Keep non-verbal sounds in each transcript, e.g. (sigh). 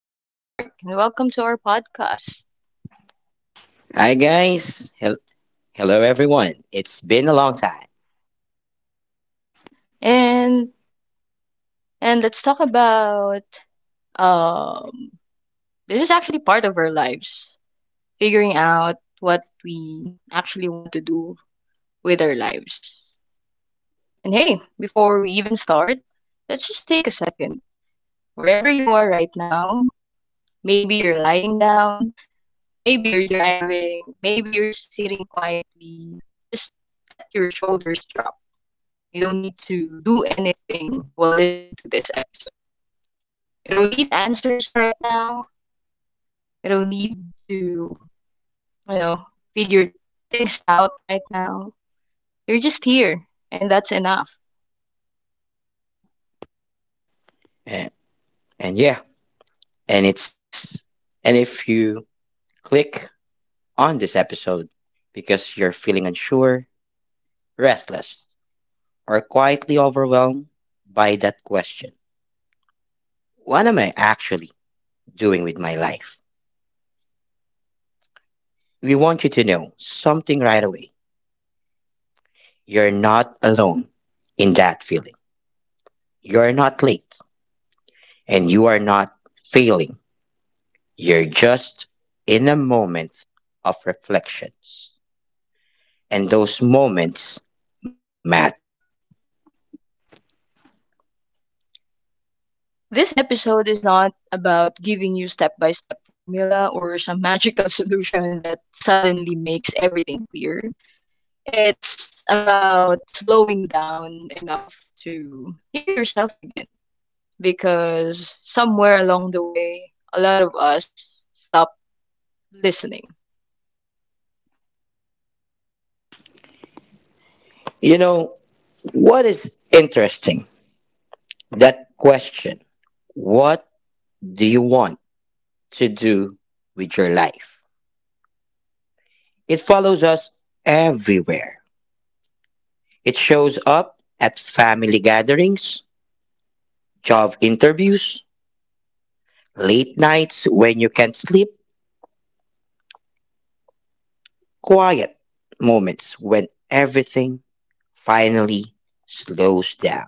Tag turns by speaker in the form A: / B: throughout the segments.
A: I'm here with Mark. And welcome to our podcast.
B: Hi guys, hello everyone. It's been a long time,
A: And and let's talk about um this is actually part of our lives, figuring out what we actually want to do with our lives. And hey, before we even start, let's just take a second. Wherever you are right now, maybe you're lying down, maybe you're driving, maybe you're sitting quietly. Just let your shoulders drop. You don't need to do anything while listening to this episode. You don't need answers right now. You don't need toknow, figure things out right now. You're just here, and that's enough.
B: and, and yeah, and it's and if you click on this episode because you're feeling unsure, restless, or quietly overwhelmed by that question, what am I actually doing with my life? We want you to know something right away. You're not alone in that feeling. You're not late, and you are not failing. You're just in a moment of reflections, and those moments matter.
A: This episode is not about giving you step by step formula or some magical (laughs) solution that suddenly makes everything clear. It's about slowing down enough to hear yourself again because somewhere along the way, a lot of us stopped listening.
B: You know, what is interesting? That question, what do you want to do with your life? It follows us everywhere. It shows up at family gatherings, job interviews, late nights when you can't sleep, quiet moments when everything finally slows down.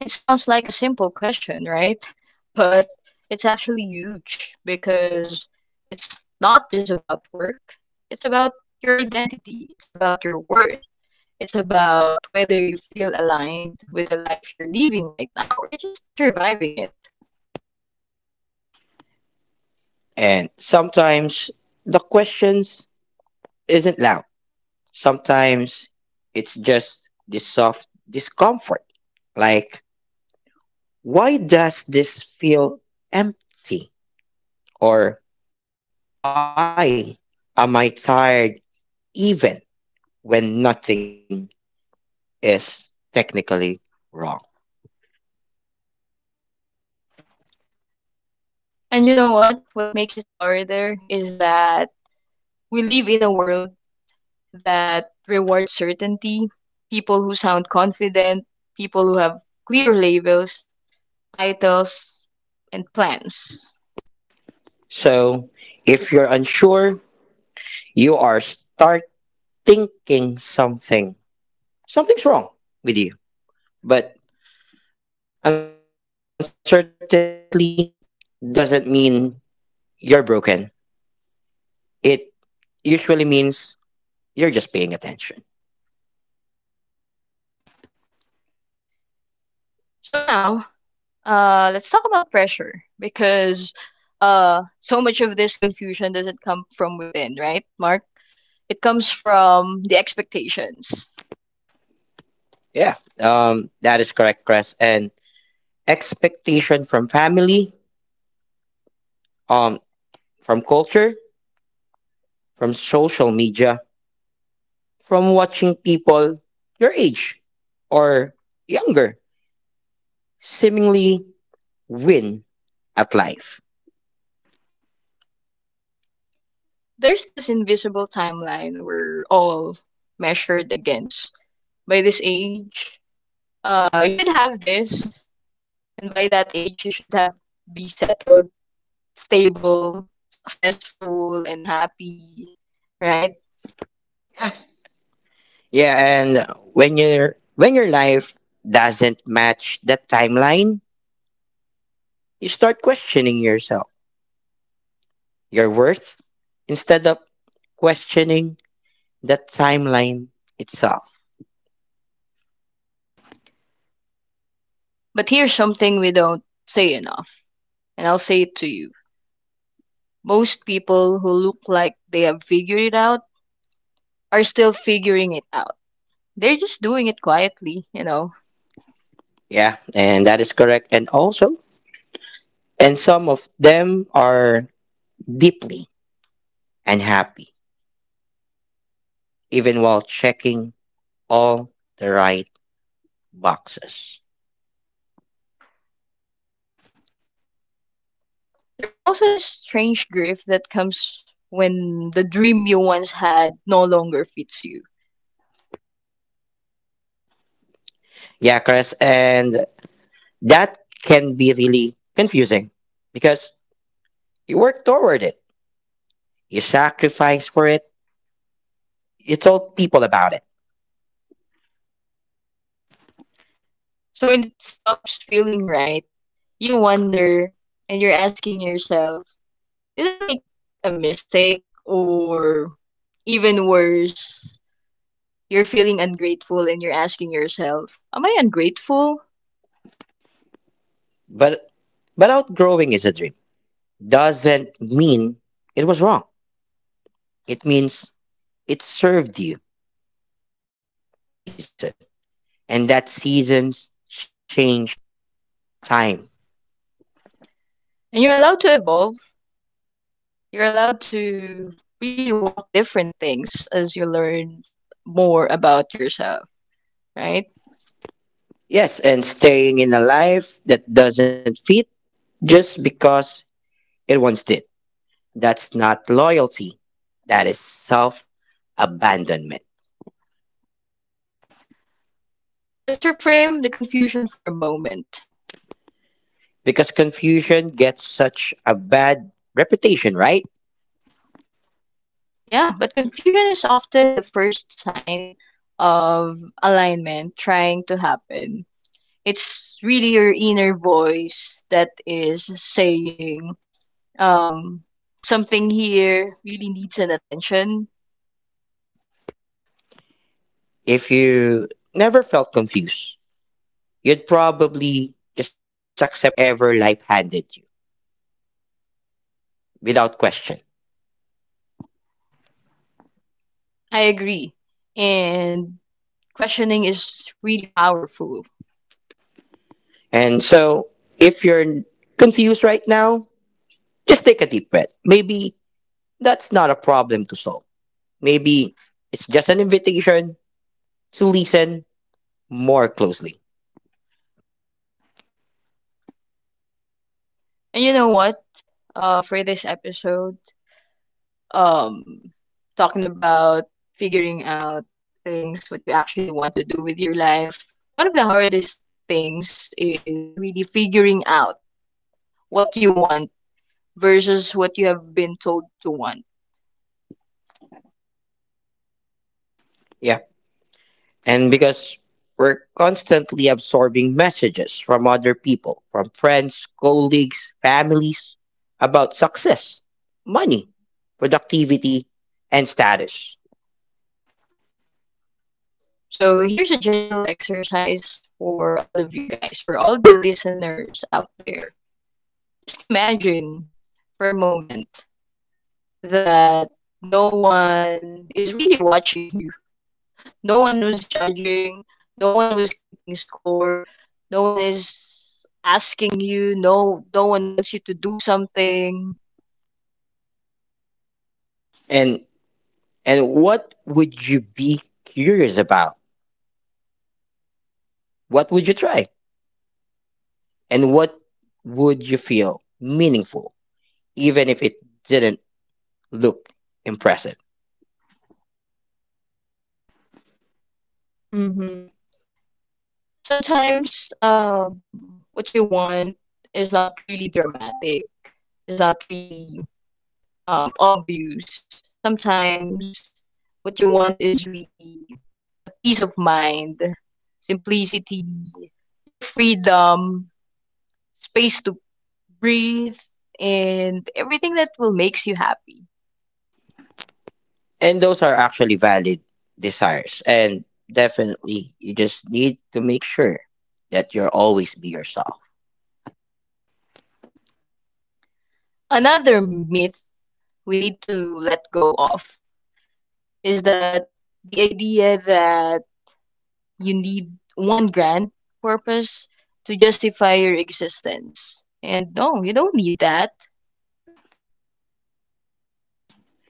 A: It sounds like a simple question, right? But it's actually huge because it's not just about work, it's about your identity, it's about your worth, it's about whether you feel aligned with the life you're living right now or just surviving it.
B: And sometimes the questions isn't loud. Sometimes it's just this soft discomfort. Like, why does this feel empty? Or why am I tired even when nothing is technically wrong?
A: And you know what? What makes it harder is that we live in a world that reward certainty, people who sound confident, people who have clear labels, titles, and plans.
B: So, if you're unsure, you are starting thinking something. Something's wrong with you. But uncertainty doesn't mean you're broken. It usually means you're just paying attention.
A: So now, let's talk about pressure because so much of this confusion doesn't come from within, right, Mark? It comes from the expectations.
B: Yeah. That is correct, Chris. And expectation from family, um, from culture, from social media, from watching people your age or younger seemingly win at life.
A: There's this invisible timeline we're all measured against. By this age, you should have this. And by that age, you should have be settled, stable, successful, and happy, right?
B: Yeah, and when your life doesn't match that timeline, you start questioning yourself, your worth, instead of questioning the timeline itself.
A: But here's something we don't say enough, and I'll say it to you. Most people who look like they have figured it out are still figuring it out. They're just doing it quietly, you know.
B: Yeah, and that is correct. And also, and some of them are deeply unhappy, even while checking all the right boxes.
A: There's also this strange grief that comes when the dream you once had no longer fits you.
B: Yeah, Chris, and that can be really confusing because you work toward it. You sacrificed for it. You told people about it.
A: So when it stops feeling right, you wonder and you're asking yourself, did I make a mistake? Or even worse, you're feeling ungrateful and you're asking yourself, am I ungrateful?
B: But but outgrowing is a dream. Doesn't mean it was wrong. It means it served you for a reason. And that seasons change time.
A: And you're allowed to evolve. You're allowed to really want different things as you learn more about yourself, right?
B: Yes, and staying in a life that doesn't fit just because it once did. That's not loyalty. That is self abandonment.
A: Let's reframe the confusion for a moment.
B: Because confusion gets such a bad reputation, right?
A: Yeah, but confusion is often the first sign of alignment trying to happen. It's really your inner voice that is saying, um, something here really needs an attention.
B: If you never felt confused, you'd probably just accept whatever life handed you without question.
A: I agree. And questioning is really powerful.
B: And so, if you're confused right now, just take a deep breath. Maybe that's not a problem to solve. Maybe it's just an invitation to listen more closely.
A: And you know what? For this episode, um, talking about figuring out things, what you actually want to do with your life, one of the hardest things is really figuring out what you want versus what you have been told to want.
B: Yeah. And because we're constantly absorbing messages from other people, from friends, colleagues, families, about success, money, productivity, and status.
A: So here's a gentle exercise for all of you guys, for all the listeners out there. Just imagine for a moment that no one is really watching you. No one was judging, no one was keeping score, no one is asking you, no one wants you to do something.
B: And and what would you be curious about? What would you try? And what would you feel meaningful, even if it didn't look impressive?
A: Sometimes what you want is not really dramatic, is not really obvious. Sometimes what you want is really a peace of mind, simplicity, your freedom, space to breathe, and everything that will makes you happy.
B: And those are actually valid desires. And definitely, you just need to make sure that you'll always be yourself.
A: Another myth we need to let go of is that the idea that you need one grand purpose to justify your existence. And no, you don't need that.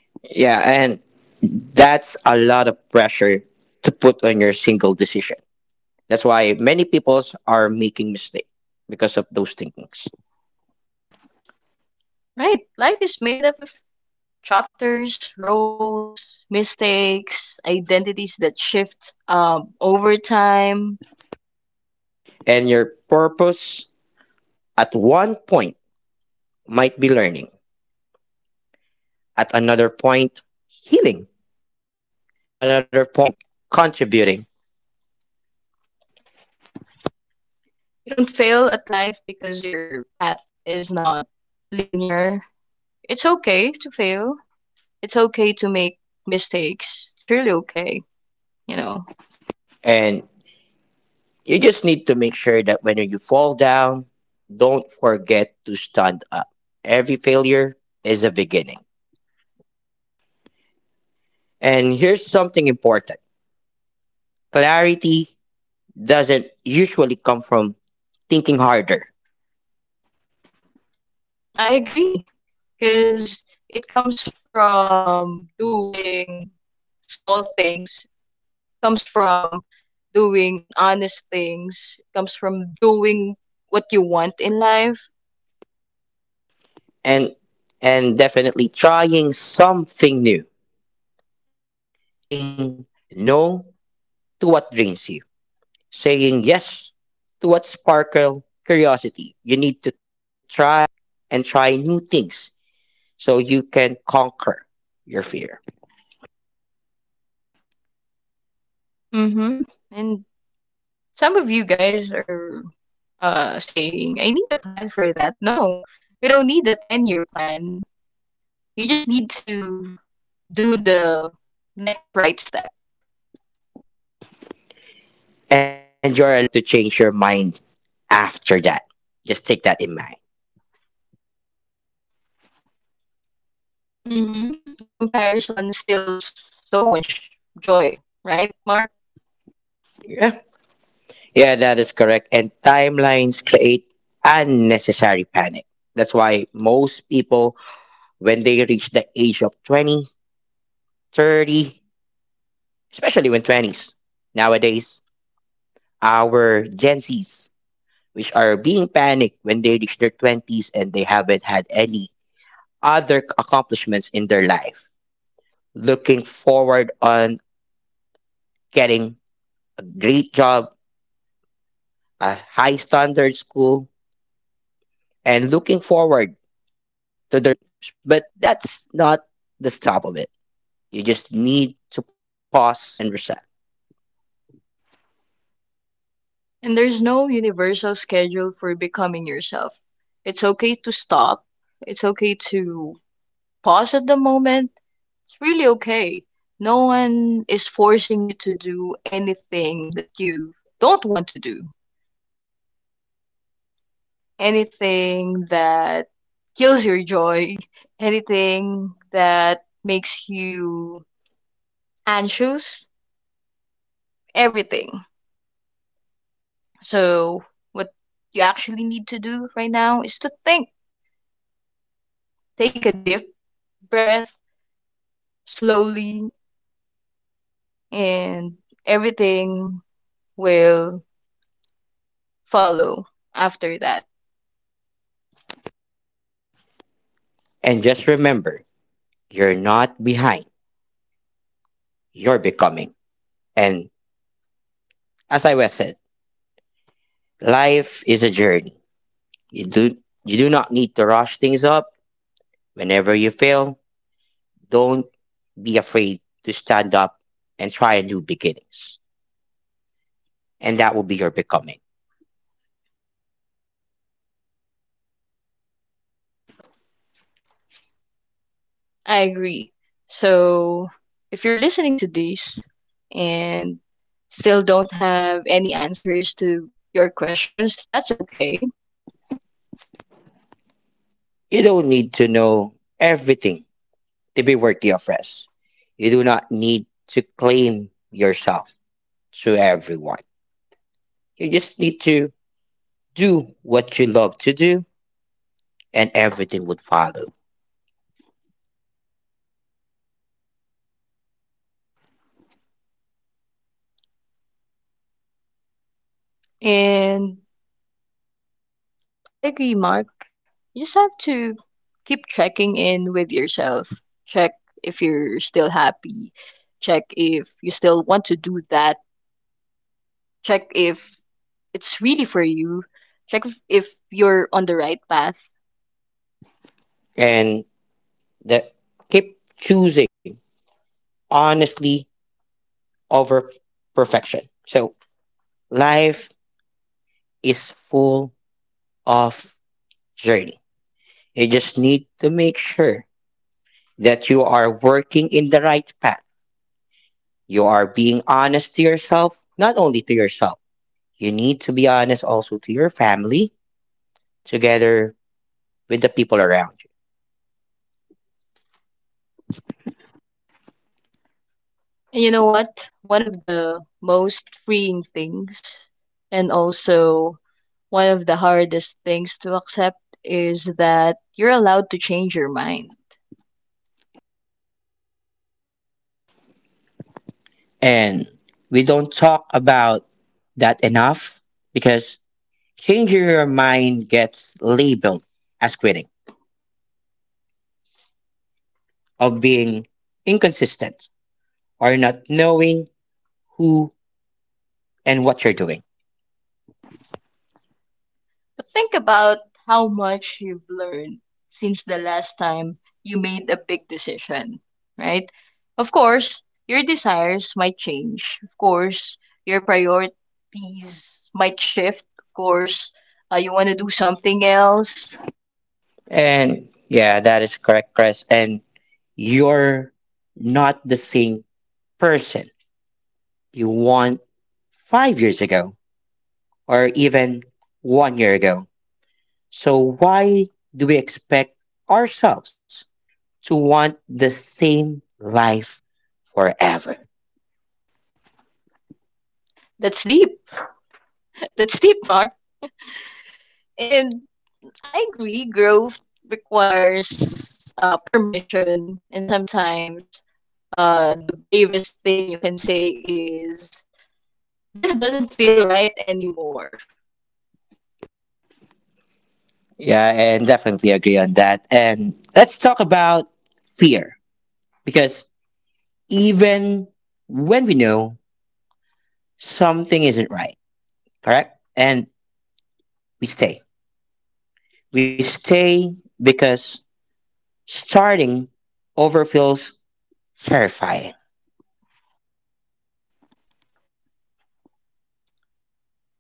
B: Yeah, and that's a lot of pressure to put on your single decision. That's why many people are making mistakes because of those thinkings.
A: Right? Life is made up of chapters, roles, mistakes, identities that shift over time.
B: And your purpose at one point might be learning, at another point healing, at another point contributing.
A: You don't fail at life because your path is not linear. It's okay to fail. It's okay to make mistakes. It's really okay, you know.
B: And you just need to make sure that when you fall down, don't forget to stand up. Every failure is a beginning. And here's something important. Clarity doesn't usually come from thinking harder.
A: I agree, because it comes from doing small things, comes from doing and honest things, comes from doing what you want in life.
B: And and definitely trying something new, saying no to what drains you, saying yes to what sparkle curiosity. You need to try and try new things so you can conquer your fear.
A: Mm-hmm. And some of you guys are saying I need a plan for that. No, you don't need a 10-year plan. You just need to do the next right step.
B: And you're allowed to change your mind after that. Just take that in mind.
A: Mm-hmm. And comparison steals so much joy, right, Mark?
B: Yeah, yeah, that is correct. And timelines create unnecessary panic. That's why most people, when they reach the age of 20, 30, especially when 20s, nowadays, our Gen Zs, which are being panicked when they reach their 20s and they haven't had any other accomplishments in their life, looking forward on getting a great job, a high standard school, and looking forward to their big dreams. But that's not the stop of it. You just need to pause and reset.
A: And there's no universal schedule for becoming yourself. It's okay to stop. It's okay to pause at the moment. It's really okay. No one is forcing you to do anything that you don't want to do, anything that kills your joy, (laughs) anything that makes you anxious, everything. So, what you actually need to do right now is to think. Take a deep breath slowly and everything will follow after that.
B: And just remember, you're not behind, you're becoming. And as I was said, life is a journey. You do you do not need to rush things up. Whenever you fail, don't be afraid to stand up and try a new beginnings. And that will be your becoming.
A: I agree. So if you're listening to this and still don't have any answers to your questions, that's okay.
B: You don't need to know everything to be worthy of rest. You do not need to claim yourself to everyone. You just need to do what you love to do and everything would follow.
A: And I agree, Mark. You just have to keep checking in with yourself. Check if you're still happy. Check if you still want to do that. Check if it's really for you. Check if you're on the right path.
B: And that keep choosing honestly over perfection. So life is full of journey. You just need to make sure that you are working in the right path. You are being honest to yourself, not only to yourself. You need to be honest also to your family together with the people around you.
A: And you know what? One of the most freeing things, and also one of the hardest things to accept, is that you're allowed to change your mind.
B: And we don't talk about that enough because changing your mind gets labeled as quitting, of being inconsistent or not knowing who and what you're doing.
A: But think about how much you've learned since the last time you made a big decision, right? Of course, your desires might change. Of course, your priorities might shift. Of course, you want to do something else.
B: And yeah, that is correct, Chris. And you're not the same person you want 5 years ago or even one year ago. So why do we expect ourselves to want the same life forever?
A: That's deep. That's deep, Mark. And I agree, growth requires permission, and sometimes the bravest thing you can say is this doesn't feel right anymore.
B: Yeah, and definitely agree on that. And let's talk about fear because even when we know something isn't right, correct? And we stay. We stay because starting over feels terrifying.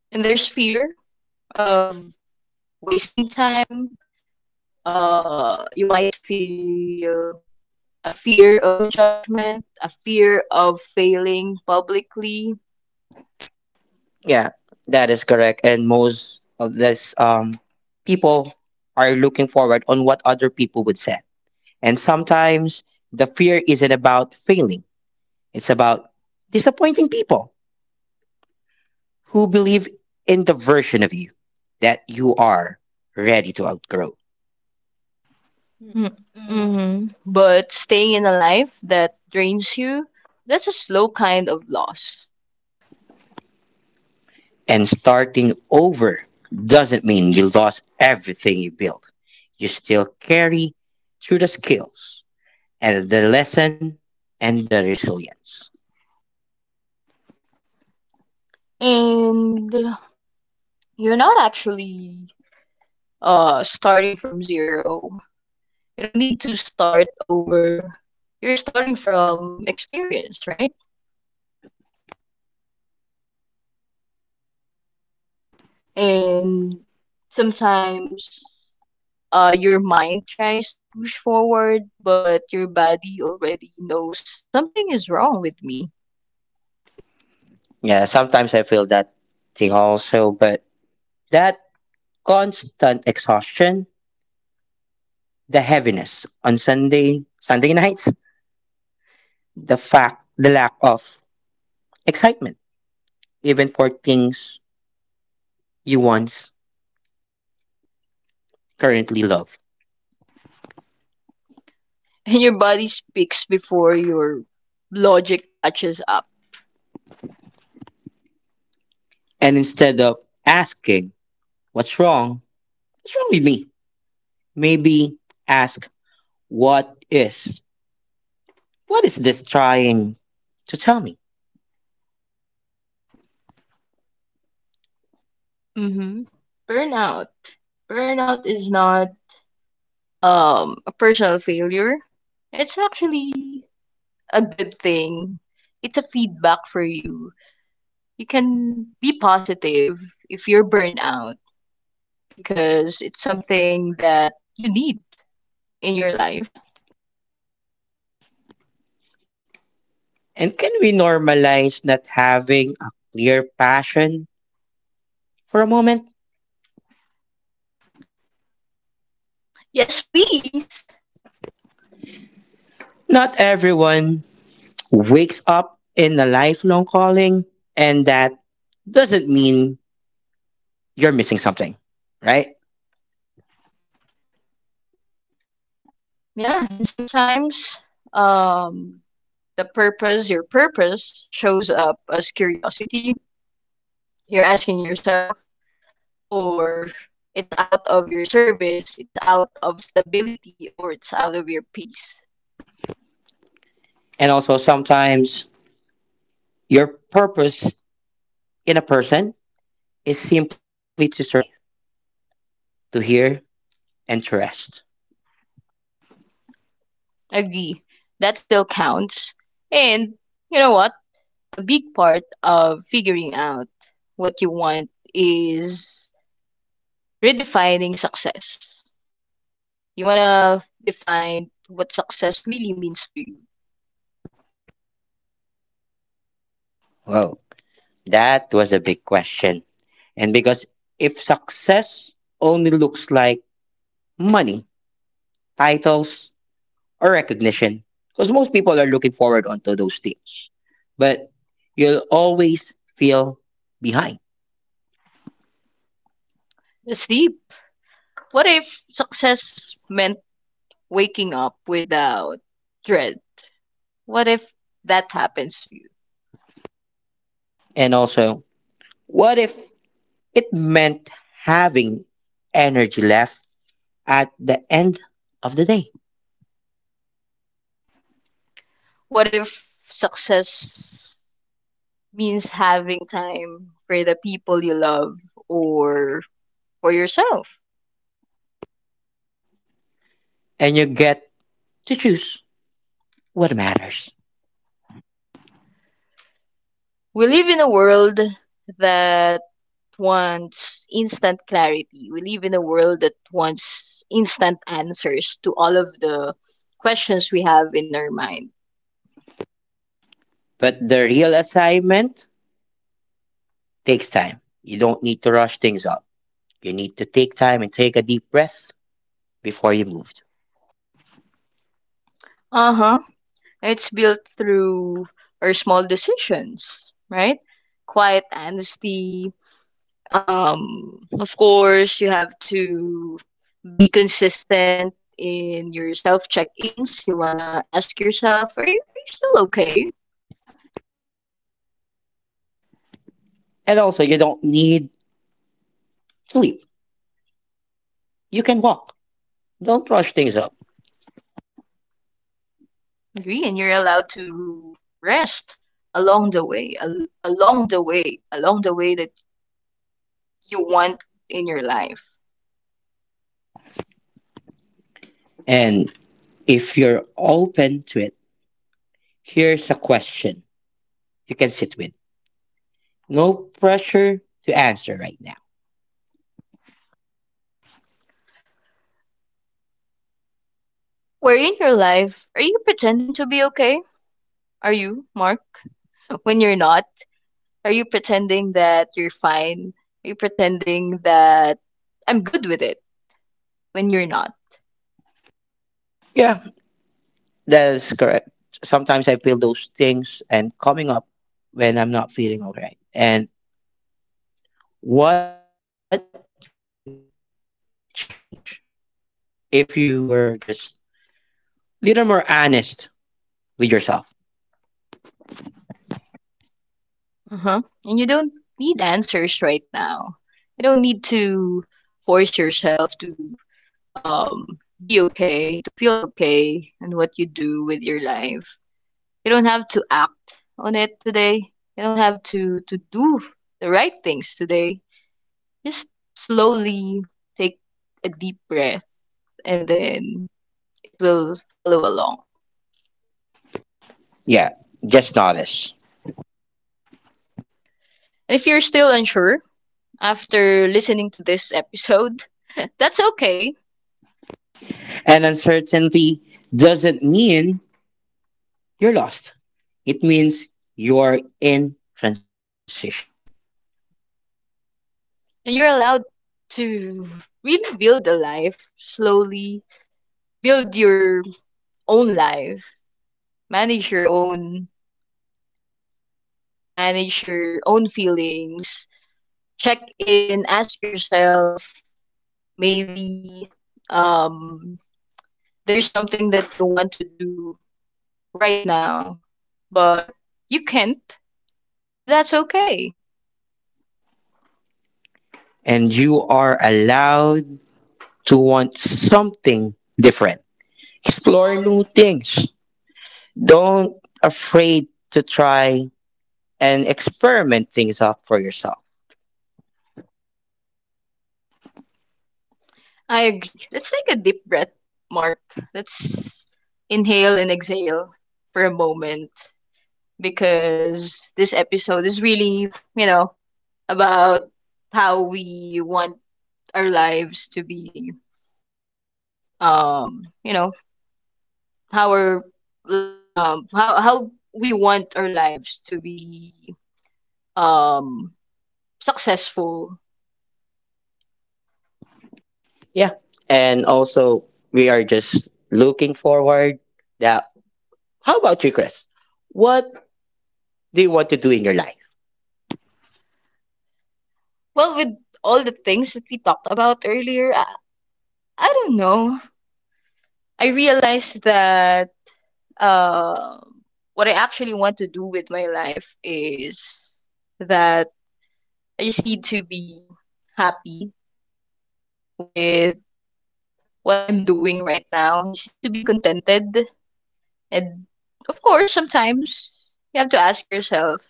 A: And there's fear of wasting time. You might feel a fear of judgment, a fear of failing publicly.
B: Yeah, that is correct. And most of this people are looking forward on what other people would say. And sometimes the fear isn't about failing. It's about disappointing people who believe in the version of you that you are ready to outgrow.
A: Hmm. Mm-hmm. But staying in a life that drains you, that's a slow kind of loss.
B: And starting over doesn't mean you lost everything you built. You still carry through the skills, and the lesson and the resilience.
A: And you're not actually starting from zero. You don't need to start over. You're starting from experience, right? And sometimes your mind tries to push forward, but your body already knows something is wrong with me.
B: Yeah, sometimes I feel that thing also, but that constant exhaustion, the heaviness on Sunday nights, the lack of excitement even for things you once currently love.
A: (laughs) And your body speaks before your logic catches up.
B: And instead of asking, what's wrong what's wrong with me, maybe ask, what is what is this trying to tell me?
A: Mm-hmm. burnout burnout is not a personal failure. It's actually a good thing. It's a feedback for you. You can be positive if you're burnout because it's something that you need in your life.
B: And can we normalize not having a clear passion for a moment?
A: Yes, please.
B: Not everyone wakes up in a lifelong calling, and that doesn't mean you're missing something, right?
A: Yeah, and sometimes um the purpose, your purpose shows up as curiosity. You're asking yourself, or it's out of your service, it's out of stability, or it's out of your peace.
B: And also, sometimes your purpose in a person is simply to survive, to hear, and to rest.
A: Agree. That still counts. And you know what? A big part of figuring out what you want is redefining success. You want to define what success really means to you.
B: Well, that was a big question. And because if success only looks like money, titles, or recognition, because most people are looking forward onto those things, but you'll always feel behind.
A: That's deep. What if success meant waking up without dread? What if that happens to you?
B: And also, what if it meant having energy left at the end of the day.
A: What if success means having time for the people you love or for yourself?
B: And you get to choose what matters.
A: We live in a world that wants instant clarity. We live in a world that wants instant answers to all of the questions we have in our mind.
B: But the real assignment takes time. You don't need to rush things up. You need to take time and take a deep breath before you move.
A: Uh huh. It's built through our small decisions, right? Quiet honesty. Of course, you have to be consistent in your self check ins. You want to ask yourself, are you still okay?
B: And also, you don't need sleep. You can walk. Don't rush things up.
A: Agree, and you're allowed to rest along the way that you want in your life.
B: And if you're open to it, here's a question you can sit with. No pressure to answer right now.
A: Where in your life are you pretending to be okay? Are you, Mark? (laughs) When you're not, are you pretending that you're fine? Are you pretending that I'm good with it when you're not?
B: Yeah, that is correct. Sometimes I feel those things and coming up when I'm not feeling alright. And what would change if you were just a little more honest with yourself?
A: Uh-huh. And you don't need answers right now. You don't need to force yourself to um be okay, to feel okay in what you do with your life. You don't have to act on it today. You don't have to do the right things today. Just slowly take a deep breath and then it will follow along.
B: Yeah, just honest.
A: And if you're still unsure after listening to this episode, (laughs) that's okay.
B: And uncertainty doesn't mean you're lost. It means you're in transition,
A: And you're allowed to really build a life slowly, build your own life, manage your own manage your own feelings. Check in, ask yourself, maybe um there's something that you want to do right now but you can't, and that's okay.
B: and you are allowed to want something different. Explore new things. Don't afraid to try and experiment things out for yourself.
A: I agree. Let's take a deep breath, Mark. Let's inhale and exhale for a moment because this episode is really, you know about how we want our lives to be, um you know how our, like, how we want our lives to be, um successful.
B: Yeah. And also we are just looking forward that how about you, Chris? What do you want to do in your life?
A: Well, with all the things that we talked about earlier, I don't know, I realized that uh what I actually want to do with my life is that I just need to be happy with what I'm doing right now. I just need to be contented. And of course, sometimes you have to ask yourself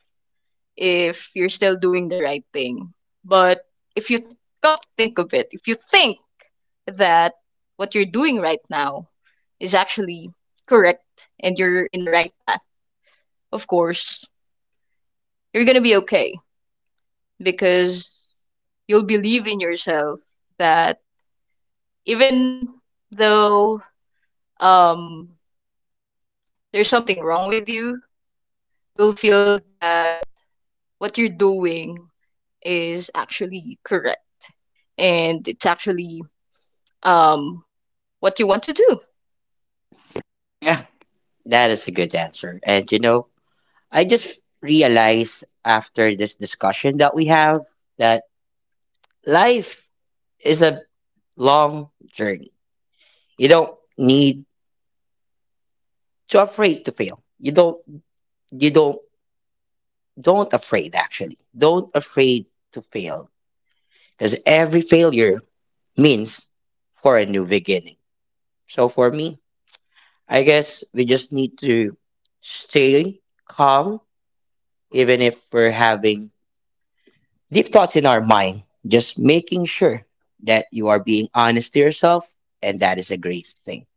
A: if you're still doing the right thing. But if you come to think of it, if you think that what you're doing right now is actually correct and you're in the right path, of course, you're going to be okay because you'll believe in yourself that even though um, there's something wrong with you, you'll feel that what you're doing is actually correct, and it's actually um what you want to do.
B: Yeah. That is a good answer. And you know, I just realized after this discussion that we have that life is a long journey. You don't need to afraid to fail. You don't afraid actually don't afraid to fail because every failure means for a new beginning. So for me, I guess we just need to stay calm even if we're having deep thoughts in our mind, just making sure that you are being honest to yourself, and that is a great thing.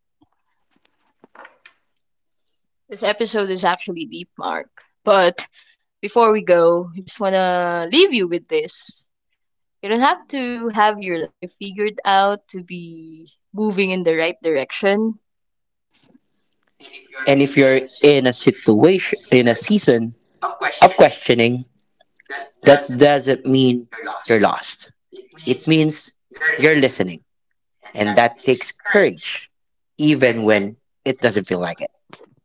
A: This episode is actually deep, Mark. But before we go, I just want to leave you with this. You don't have to have your life figured out to be moving in the right direction.
B: And if you're in a situation in a season of questioning, that doesn't mean you're lost. It means you're listening. And that takes courage, even when it doesn't feel like it.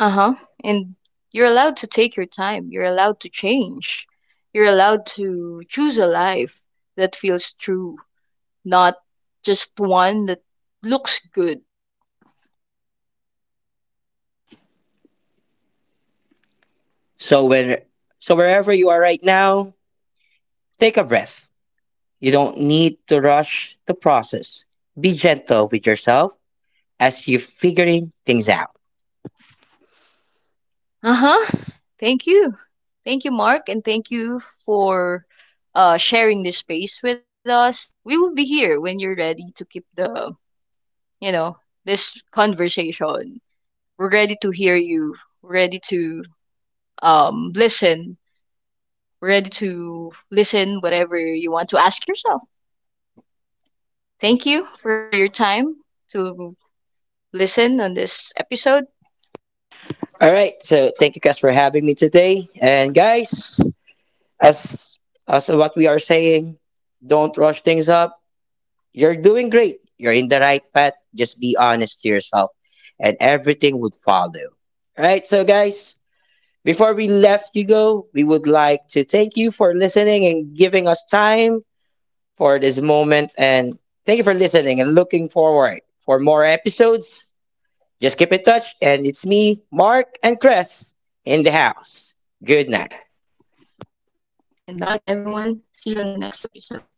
A: Uh huh. And you're allowed to take your time. You're allowed to change. You're allowed to choose a life that feels true, not just one that looks good.
B: So when so wherever you are right now, take a breath. You don't need to rush the process. Be gentle with yourself as you're figuring things out.
A: Uh huh. Thank you. Thank you, Mark, and thank you for sharing this space with us. We will be here when you're ready to keep the, you know, this conversation. We're ready to hear you. We're ready to listen. We're ready to listen whatever you want to ask yourself. Thank you for your time to listen on this episode.
B: All right, so thank you guys for having me today. And guys, as as what we are saying, don't rush things up. You're doing great. You're in the right path. Just be honest to yourself and everything would follow. All right, so guys, before we left you go, we would like to thank you for listening and giving us time for this moment. And thank you for listening and looking forward for more episodes. Just keep in touch. And it's me, Mark and Chris in the house. Good night.
A: Good night, everyone. See you on the next episode.